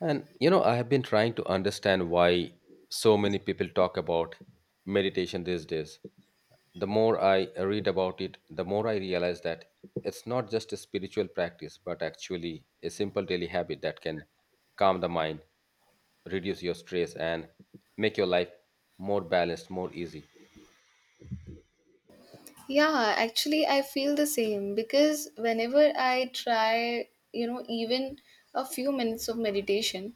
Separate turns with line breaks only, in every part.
And you know, I have been trying to understand why so many people talk about meditation these days. The more I read about it, the more I realize that it's not just a spiritual practice, but actually a simple daily habit that can calm the mind, reduce your stress, and make your life more balanced, more easy.
Yeah, actually, I feel the same because whenever I try, even a few minutes of meditation,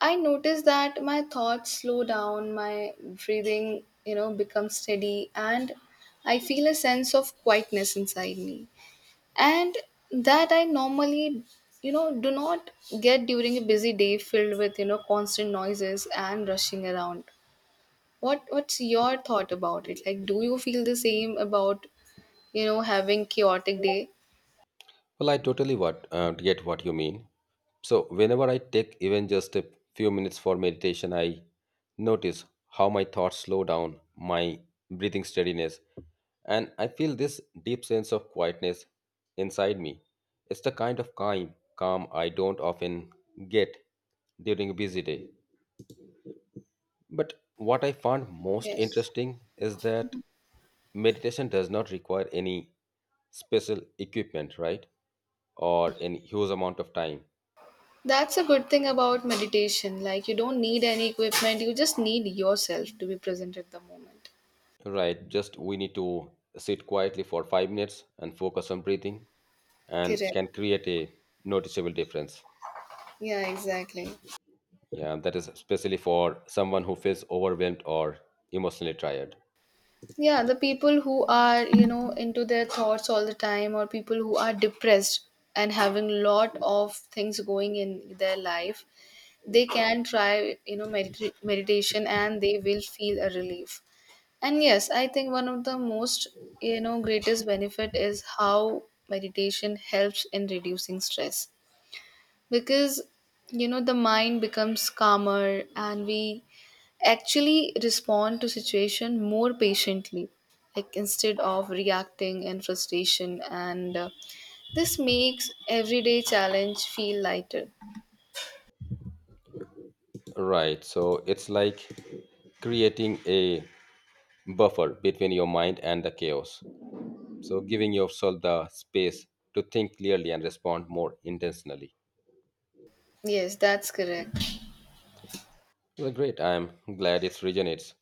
I notice that my thoughts slow down, my breathing, becomes steady, and I feel a sense of quietness inside me. And that I normally, do not get during a busy day filled with, constant noises and rushing around. What's your thought about it? Like, do you feel the same about having chaotic day.
Well, I totally what get what you mean. So whenever I take even just a few minutes for meditation, I notice how my thoughts slow down, my breathing steadiness, and I feel this deep sense of quietness inside me. It's the kind of calm I don't often get during a busy day. But what I found most
Yes.
interesting is that meditation does not require any special equipment, right? Or in huge amount of time.
That's a good thing about meditation. Like you don't need any equipment, you just need yourself to be present at the moment.
Right, just we need to sit quietly for 5 minutes and focus on breathing and
Correct.
can create a noticeable difference.
Yeah, exactly.
Yeah, that is especially for someone who feels overwhelmed or emotionally tired.
Yeah, the people who are into their thoughts all the time, or people who are depressed and having lot of things going in their life, they can try meditation and they will feel a relief. And yes, I think one of the most greatest benefit is how meditation helps in reducing stress, because the mind becomes calmer and we actually respond to situation more patiently, like instead of reacting in frustration and this makes everyday challenge feel lighter.
Right, so it's like creating a buffer between your mind and the chaos, so giving yourself the space to think clearly and respond more intentionally.
Yes, that's correct.
Well, great. I'm glad it resonates.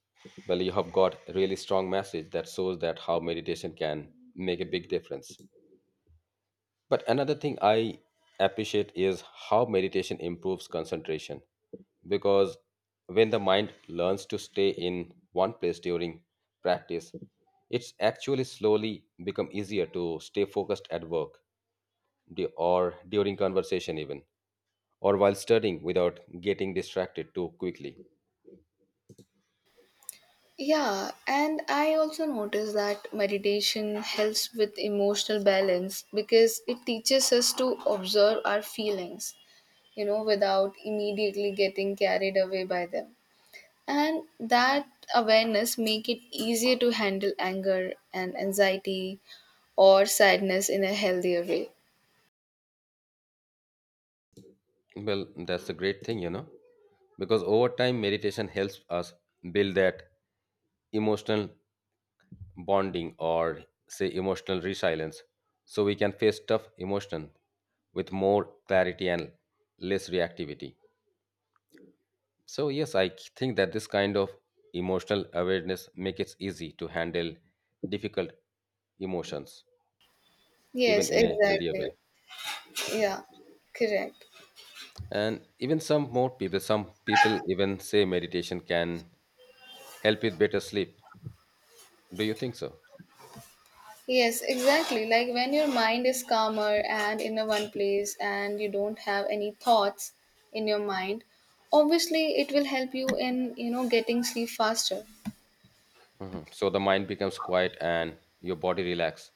Well, you have got really strong message that shows that how meditation can make a big difference. But another thing I appreciate is how meditation improves concentration, because when the mind learns to stay in one place during practice, it's actually slowly become easier to stay focused at work or during conversation even or while studying without getting distracted too quickly.
Yeah, and I also notice that meditation helps with emotional balance because it teaches us to observe our feelings without immediately getting carried away by them. And that awareness make it easier to handle anger and anxiety or sadness in a healthier way.
Well, that's a great thing, you know, because over time, meditation helps us build that emotional bonding or say emotional resilience so we can face tough emotion with more clarity and less reactivity. So yes, I think that this kind of emotional awareness makes it easy to handle difficult emotions
Yes,
even in a healthier
exactly.
way.
Yeah, correct.
And even some people even say meditation can help with better sleep. Do you think so?
Yes, exactly. Like when your mind is calmer and in a one place and you don't have any thoughts in your mind, obviously it will help you in getting sleep faster.
Hmm. So the mind becomes quiet and your body relax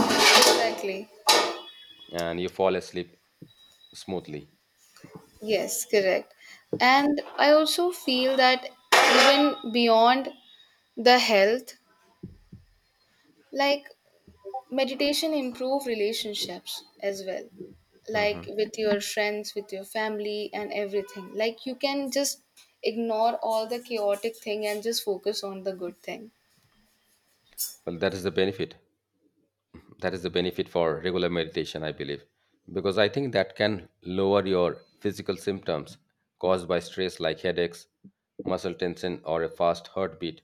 Exactly.
and you fall asleep smoothly.
Yes, correct. And I also feel that even beyond the health, like meditation improve relationships as well.
Hmm.
Like with your friends, with your family and everything. Like you can just ignore all the chaotic thing and just focus on the good thing.
Well, that is the benefit. That is the benefit for regular meditation, I believe, because I think that can lower your physical symptoms caused by stress like headaches, muscle tension, or a fast heartbeat.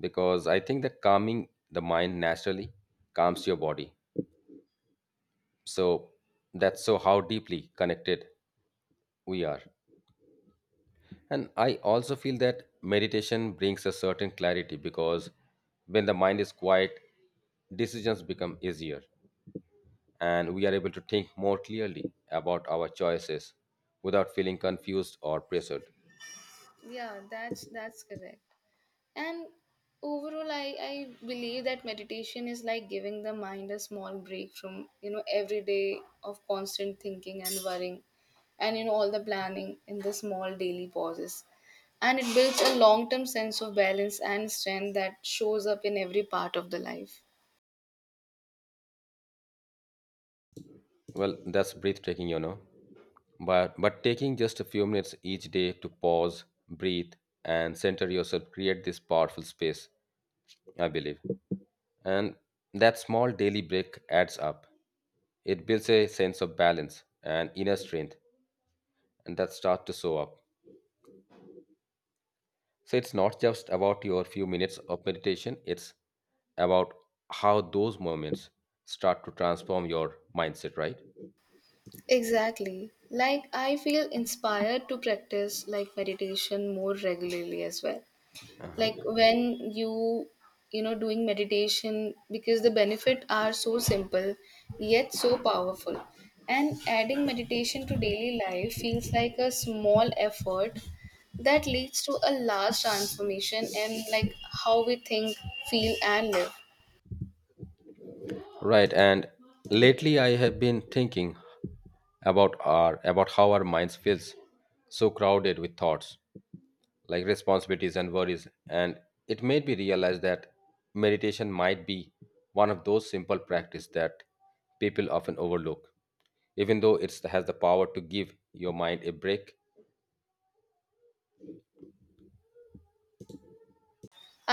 Because I think that calming the mind naturally calms your body. So that's so how deeply connected we are. And I also feel that meditation brings a certain clarity because when the mind is quiet, decisions become easier and we are able to think more clearly about our choices without feeling confused or pressured.
Yeah, that's correct. And overall, I believe that meditation is like giving the mind a small break from, every day of constant thinking and worrying and, all the planning in the small daily pauses. And it builds a long term sense of balance and strength that shows up in every part of the life.
Well, that's breathtaking, you know. But taking just a few minutes each day to pause, breathe, and center yourself create this powerful space, I believe. And that small daily break adds up. It builds a sense of balance and inner strength and that start to show up. So it's not just about your few minutes of meditation, it's about how those moments start to transform your mindset, right?
Exactly. Like, I feel inspired to practice like meditation more regularly as well, like when you know doing meditation, because the benefit are so simple yet so powerful, and adding meditation to daily life feels like a small effort that leads to a large transformation in like how we think, feel and live.
Right. And lately I have been thinking about how our minds feels so crowded with thoughts, like responsibilities and worries. And it made me realize that meditation might be one of those simple practice that people often overlook, even though it has the power to give your mind a break.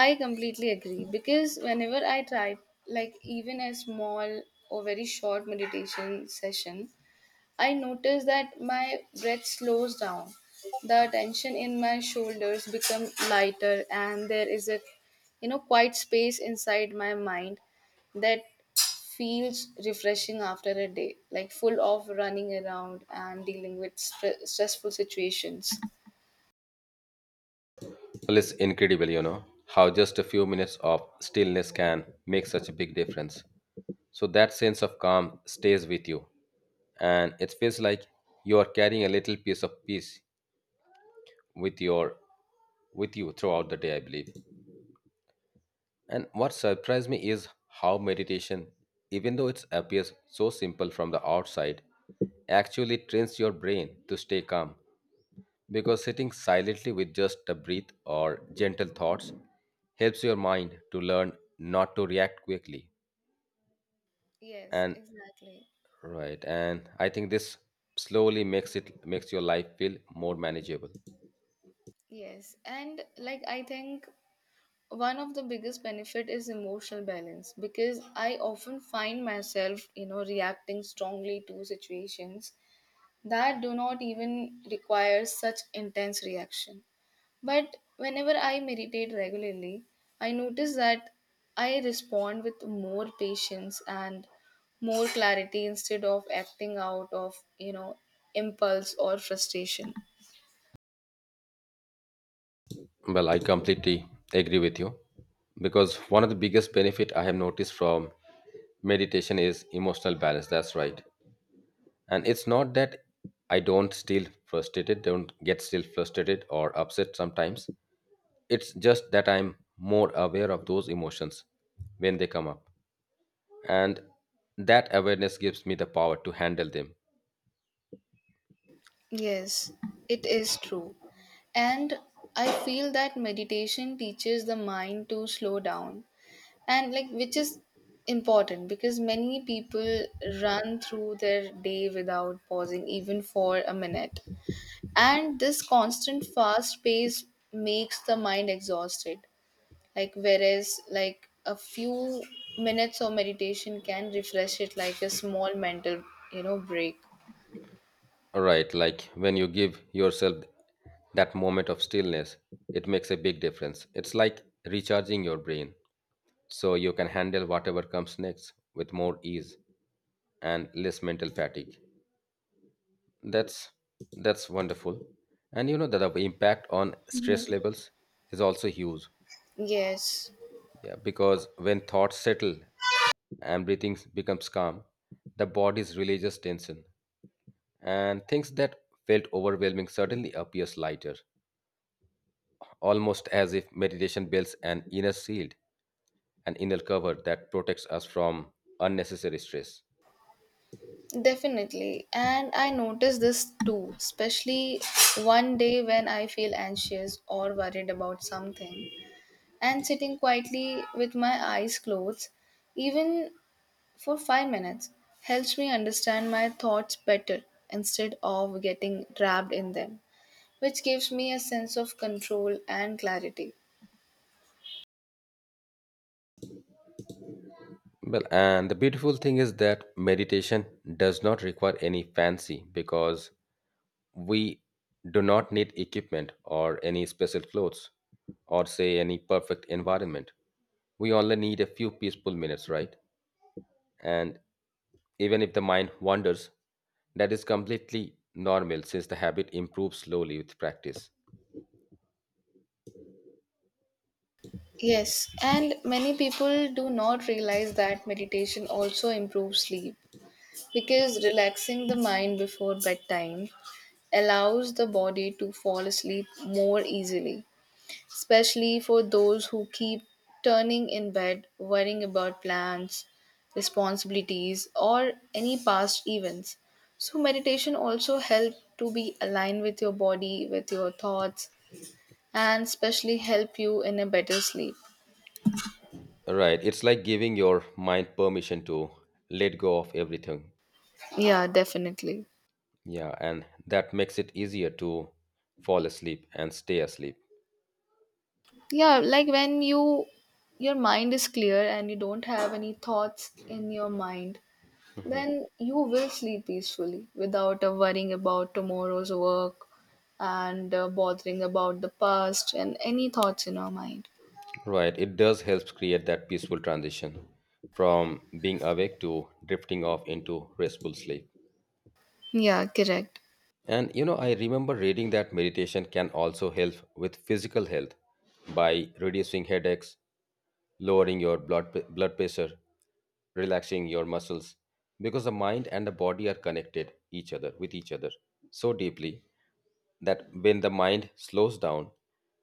I completely agree because whenever I try, like even a small or very short meditation session, I notice that my breath slows down. The tension in my shoulders become lighter and there is a quiet space inside my mind that feels refreshing after a day like full of running around and dealing with stressful situations.
Well, it's incredible, you know, how just a few minutes of stillness can make such a big difference. So that sense of calm stays with you, and it feels like you are carrying a little piece of peace with your with you throughout the day, I believe. And what surprised me is how meditation, even though it appears so simple from the outside, actually trains your brain to stay calm because sitting silently with just a breath or gentle thoughts helps your mind to learn not to react quickly.
Yes,
And
exactly.
right, and I think this slowly makes your life feel more manageable.
Yes, and like I think one of the biggest benefit is emotional balance, because I often find myself reacting strongly to situations that do not even require such intense reaction. But whenever I meditate regularly, I notice that I respond with more patience and more clarity instead of acting out of impulse or frustration.
Well, I completely agree with you because one of the biggest benefit I have noticed from meditation is emotional balance, that's right. And it's not that I don't still frustrated don't get still frustrated or upset sometimes. It's just that I'm more aware of those emotions when they come up. And that awareness gives me the power to handle them.
Yes, it is true. And I feel that meditation teaches the mind to slow down, and like which is important because many people run through their day without pausing even for a minute. And this constant fast pace makes the mind exhausted. Like whereas like a few minutes of meditation can refresh it like a small mental, break.
Right, like when you give yourself that moment of stillness, it makes a big difference. It's like recharging your brain so you can handle whatever comes next with more ease and less mental fatigue. That's that's wonderful. And you know that the impact on stress
Mhm.
levels is also huge.
Yes.
Yeah, because when thoughts settle and breathing becomes calm, the body's releases tension, and things that felt overwhelming suddenly appears lighter, almost as if meditation builds an inner shield, an inner cover that protects us from unnecessary stress.
Definitely. And I notice this too, especially one day when I feel anxious or worried about something and sitting quietly with my eyes closed, even for 5 minutes, helps me understand my thoughts better instead of getting trapped in them, which gives me a sense of control and clarity.
Well, and the beautiful thing is that meditation does not require any fancy because we do not need equipment or any special clothes or say any perfect environment. We only need a few peaceful minutes, right? And even if the mind wanders, that is completely normal since the habit improves slowly with practice.
Yes, and many people do not realize that meditation also improves sleep, because relaxing the mind before bedtime allows the body to fall asleep more easily, especially for those who keep turning in bed worrying about plans, responsibilities, or any past events. So, meditation also help to be aligned with your body, with your thoughts, and especially help you in a better sleep.
Right, it's like giving your mind permission to let go of everything.
Yeah, definitely.
Yeah, and that makes it easier to fall asleep and stay asleep.
Yeah, like when your mind is clear and you don't have any thoughts in your mind, then you will sleep peacefully without worrying about tomorrow's work and bothering about the past and any thoughts in our mind.
Right, it does help create that peaceful transition from being awake to drifting off into restful sleep.
Yeah, correct.
And you know, I remember reading that meditation can also help with physical health by reducing headaches, lowering your blood pressure, relaxing your muscles because the mind and the body are connected each other with each other so deeply that when the mind slows down,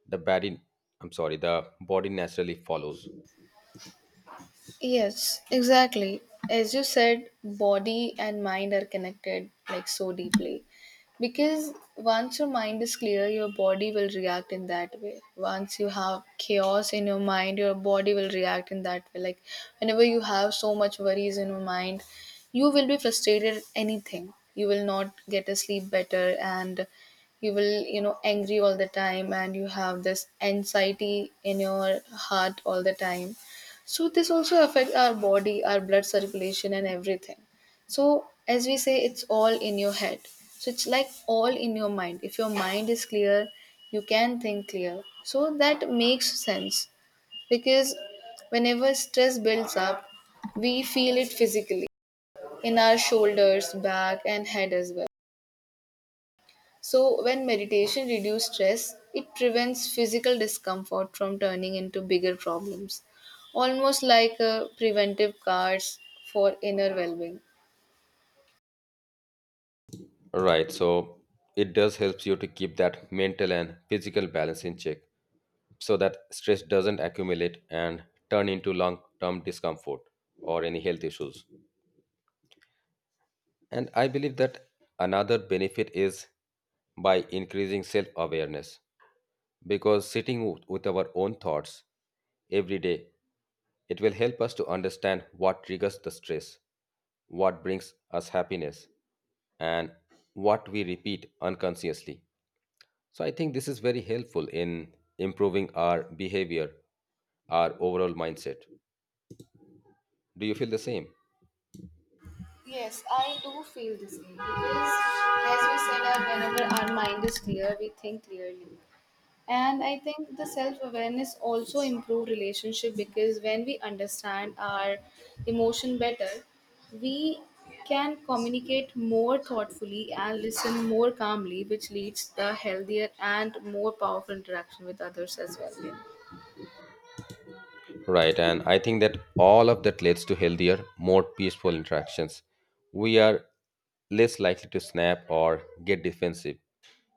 the body, I'm sorry, the body naturally follows.
Yes, exactly. As you said, body and mind are connected like so deeply. Because once your mind is clear, your body will react in that way. Once you have chaos in your mind, your body will react in that way. Like whenever you have so much worries in your mind, you will be frustrated at anything. You will not get a sleep better and you will, angry all the time, and you have this anxiety in your heart all the time. So this also affects our body, our blood circulation and everything. So as we say it's all in your head. So it's like all in your mind. If your mind is clear, you can think clear. So that makes sense because whenever stress builds up, we feel it physically in our shoulders, back and head as well. So, when meditation reduces stress, it prevents physical discomfort from turning into bigger problems, almost like preventive cards for inner well being.
Right, so it does helps you to keep that mental and physical balance in check so that stress doesn't accumulate and turn into long-term discomfort or any health issues. And I believe that another benefit is by increasing self-awareness, because sitting with our own thoughts every day it will help us to understand what triggers the stress, what brings us happiness, and what we repeat unconsciously. So I think this is very helpful in improving our behavior, our overall mindset. Do you feel the same?
Yes, I do feel the same because, as we said, whenever our mind is clear, we think clearly. And I think the self-awareness also improve relationship, because when we understand our emotion better, we can communicate more thoughtfully and listen more calmly, which leads the healthier and more powerful interaction with others as well.
Right, and I think that all of that leads to healthier, more peaceful interactions. We are less likely to snap or get defensive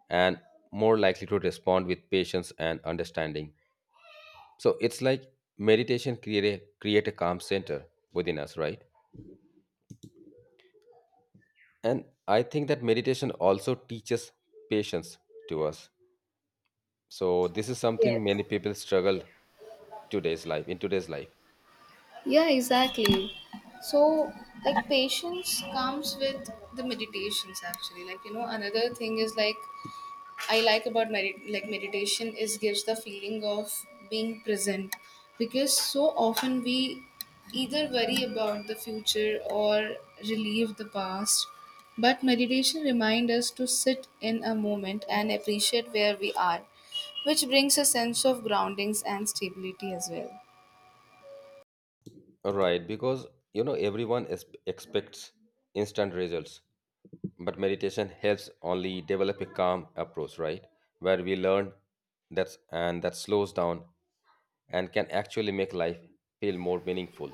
and more likely to respond with patience and understanding. So it's like meditation create a calm center within us, right? And I think that meditation also teaches patience to us. So this is
Yes.
something many people struggle today's life in today's life.
Yeah, exactly. So, like patience comes with the meditations actually. Like another thing is like I like about meditation is gives the feeling of being present, because so often we either worry about the future or relieve the past, but meditation reminds us to sit in a moment and appreciate where we are, which brings a sense of groundings and stability as well.
Right, because you know expects instant results, but meditation helps only develop a calm approach, right? Where we learn that slows down and can actually make life feel more meaningful.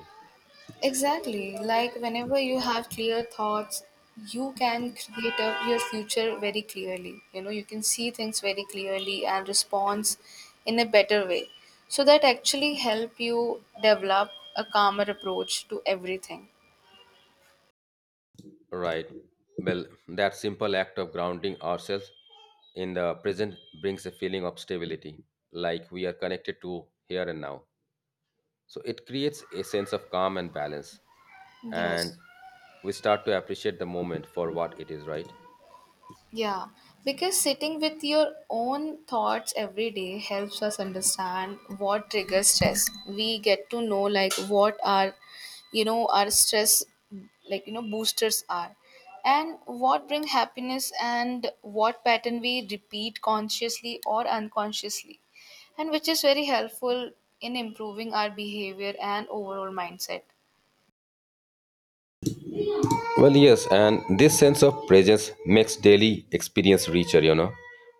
Exactly. Like whenever you have clear thoughts, you can create up your future very clearly. You know, you can see things very clearly and response in a better way. So that actually help you develop a calmer approach to everything.
Right. Well, that simple act of grounding ourselves in the present brings a feeling of stability, like we are connected to here and now. So it creates a sense of calm and balance,
Yes.
and we start to appreciate the moment for what it is, right?
Yeah, because sitting with your own thoughts every day helps us understand what triggers stress. We get to know like what our stress, like boosters are, and what bring happiness and what pattern we repeat consciously or unconsciously, and which is very helpful in improving our behavior and overall mindset.
Well, yes, and this sense of presence makes daily experience richer, you know,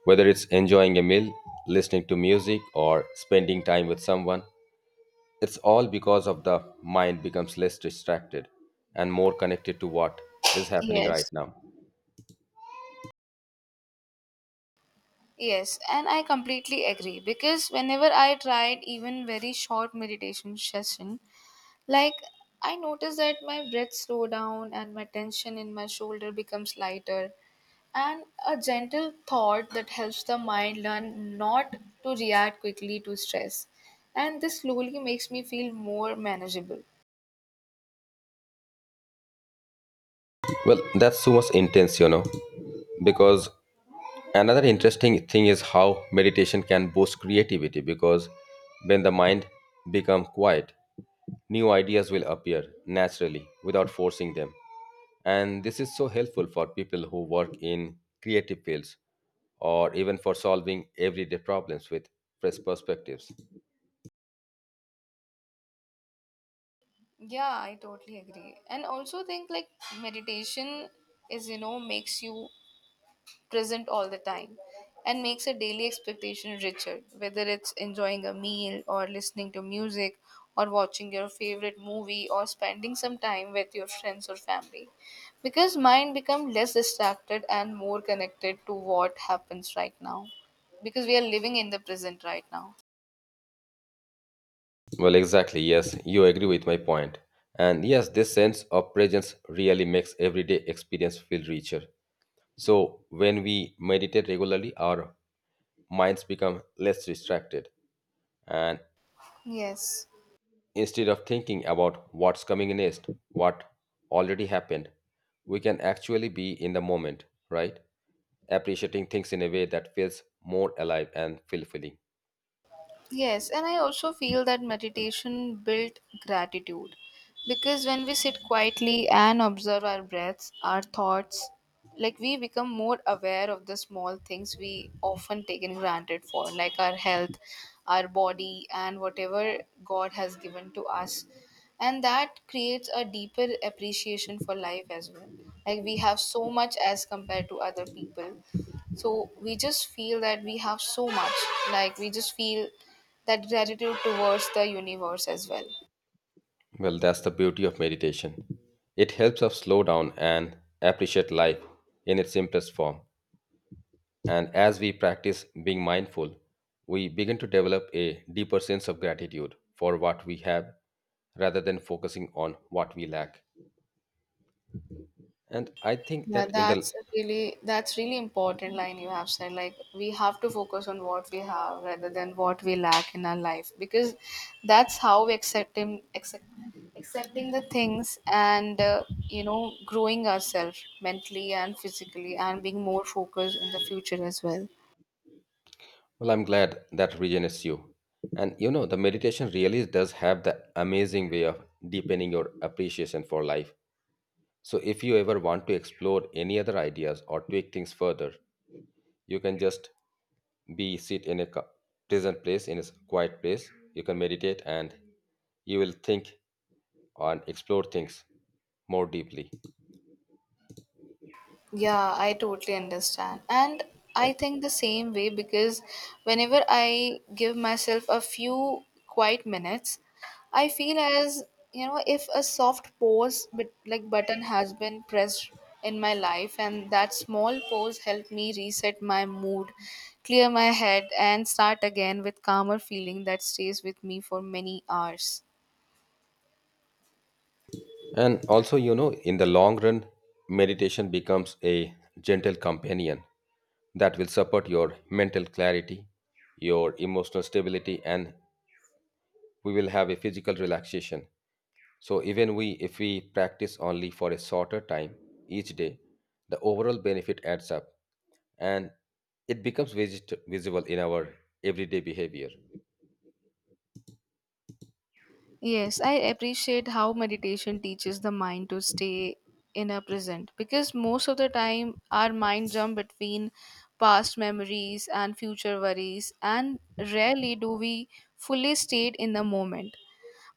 whether it's enjoying a meal, listening to music, or spending time with someone. It's all because of the mind becomes less distracted and more connected to what is happening right
Yes.
now.
Yes, and I completely agree because whenever I tried even very short meditation session, like I noticed that my breath slow down and my tension in my shoulder becomes lighter, and a gentle thought that helps the mind learn not to react quickly to stress, and this slowly makes me feel more manageable.
Well, that's so much intense, you know, because another interesting thing is how meditation can boost creativity because when the mind become quiet, new ideas will appear naturally without forcing them. And this is so helpful for people who work in creative fields or even for solving everyday problems with fresh perspectives.
Yeah, I totally agree. And also think like meditation is makes you present all the time and makes a daily expectation richer, whether it's enjoying a meal or listening to music or watching your favorite movie or spending some time with your friends or family. Because mind becomes less distracted and more connected to what happens right now. Because we are living in the present right now.
Well, exactly. Yes, you agree with my point. And yes, this sense of presence really makes everyday experience feel richer. So, when we meditate regularly, our minds become less distracted. And
Yes.
instead of thinking about what's coming next, what already happened, we can actually be in the moment, right? Appreciating things in a way that feels more alive and fulfilling.
Yes, and I also feel that meditation built gratitude, because when we sit quietly and observe our breaths, our thoughts, like we become more aware of the small things we often taken granted for, like our health, our body, and whatever God has given to us. And that creates a deeper appreciation for life as well. Like we have so much as compared to other people, so we just feel that we have so much, like we just feel that gratitude towards the universe as well.
Well, that's the beauty of meditation. It helps us slow down and appreciate life in its simplest form. And as we practice being mindful, we begin to develop a deeper sense of gratitude for what we have rather than focusing on what we lack. And I think
Yeah,
that in the
that's a really important line you have said, like we have to focus on what we have rather than what we lack in our life, because that's how we accepting the things and growing ourselves mentally and physically and being more focused in the future as well.
well, I'm glad that regenerates you. And you know, the meditation really does have the amazing way of deepening your appreciation for life. So if you ever want to explore any other ideas or take things further, you can just be sit in a co- pleasant place in a quiet place, you can meditate and you will think and explore things more deeply.
Yeah, I totally understand. And I think the same way because whenever I give myself a few quiet minutes, I feel as, if a soft pause but like button has been pressed in my life, and that small pause helped me reset my mood, clear my head and start again with calmer feeling that stays with me for many hours.
And also you know in the long run meditation becomes a gentle companion that will support your mental clarity, your emotional stability, and we will have a physical relaxation. So even we if we practice only for a shorter time each day, the overall benefit adds up and it becomes visible in our everyday behavior.
Yes, I appreciate how meditation teaches the mind to stay in a present, because most of the time our mind jump between past memories and future worries, and rarely do we fully stay in the moment.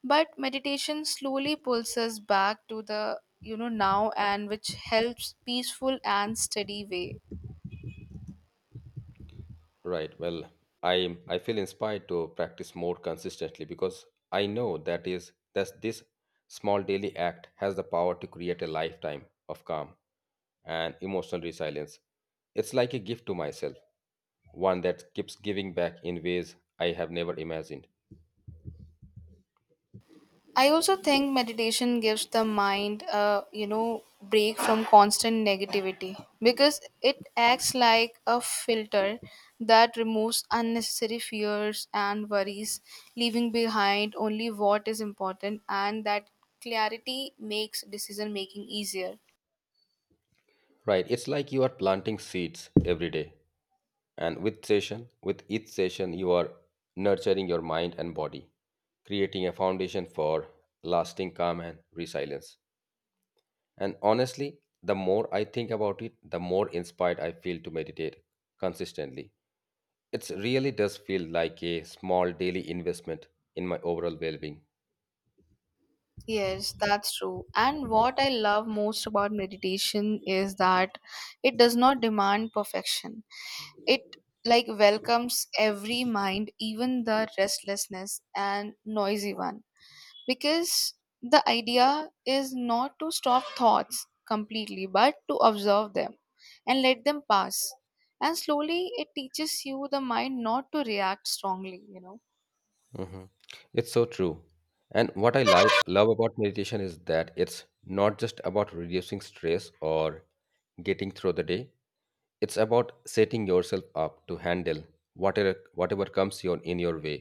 But meditation slowly pulls us back to the now, and which helps peaceful and steady way.
Right. Well, I feel inspired to practice more consistently because I know that is that this small daily act has the power to create a lifetime of calm and emotional resilience. It's like a gift to myself, one that keeps giving back in ways I have never imagined.
I also think meditation gives the mind a break from constant negativity, because it acts like a filter that removes unnecessary fears and worries, leaving behind only what is important, and that clarity makes decision making easier.
Right, it's like you are planting seeds every day. And with each session, you are nurturing your mind and body, creating a foundation for lasting calm and resilience. And honestly, the more I think about it, the more inspired I feel to meditate consistently. It really does feel like a small daily investment in my overall well being.
Yes, that's true. And what I love most about meditation is that it does not demand perfection. It like welcomes every mind, even the restlessness and noisy one. Because the idea is not to stop thoughts completely, but to observe them and let them pass. And slowly it teaches you the mind not to react strongly.
Hmm. It's so true. And what love about meditation is that it's not just about reducing stress or getting through the day. It's about setting yourself up to handle whatever comes in your way,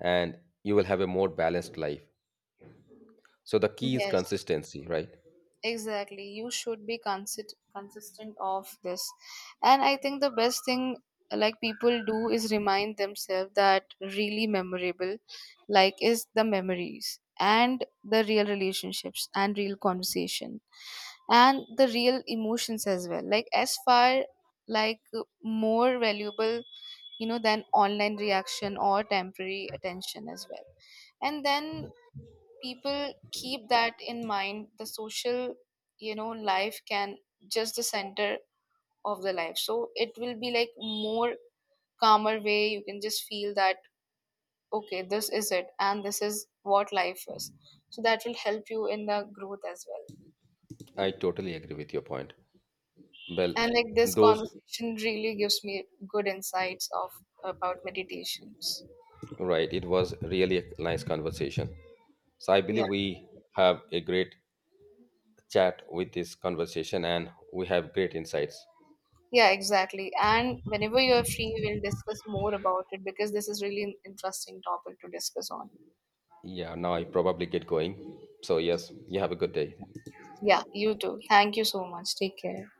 and you will have a more balanced life. So the key is
Yes.
consistency, right?
Exactly. You should be consistent of this. And I think the best thing like people do is remind themselves that really memorable like is the memories and the real relationships and real conversation and the real emotions as well. Like as far, like more valuable, than online reaction or temporary attention as well. And then people keep that in mind, the social life can just the center of the life, so it will be like more calmer way you can just feel that okay this is it and this is what life is, so that will help you in the growth as well.
I totally agree with your point. Well,
And like this
those
conversation really gives me good insights of about meditations.
right. It was really a nice conversation. So I
Yeah.
believe we have a great chat with this conversation and we have great insights.
Yeah, exactly, and whenever you are free we'll discuss more about it because this is really an interesting topic to discuss on.
Yeah, now I probably get going. So, yes, you have a good day.
Yeah, you too. Thank you so much. Take care.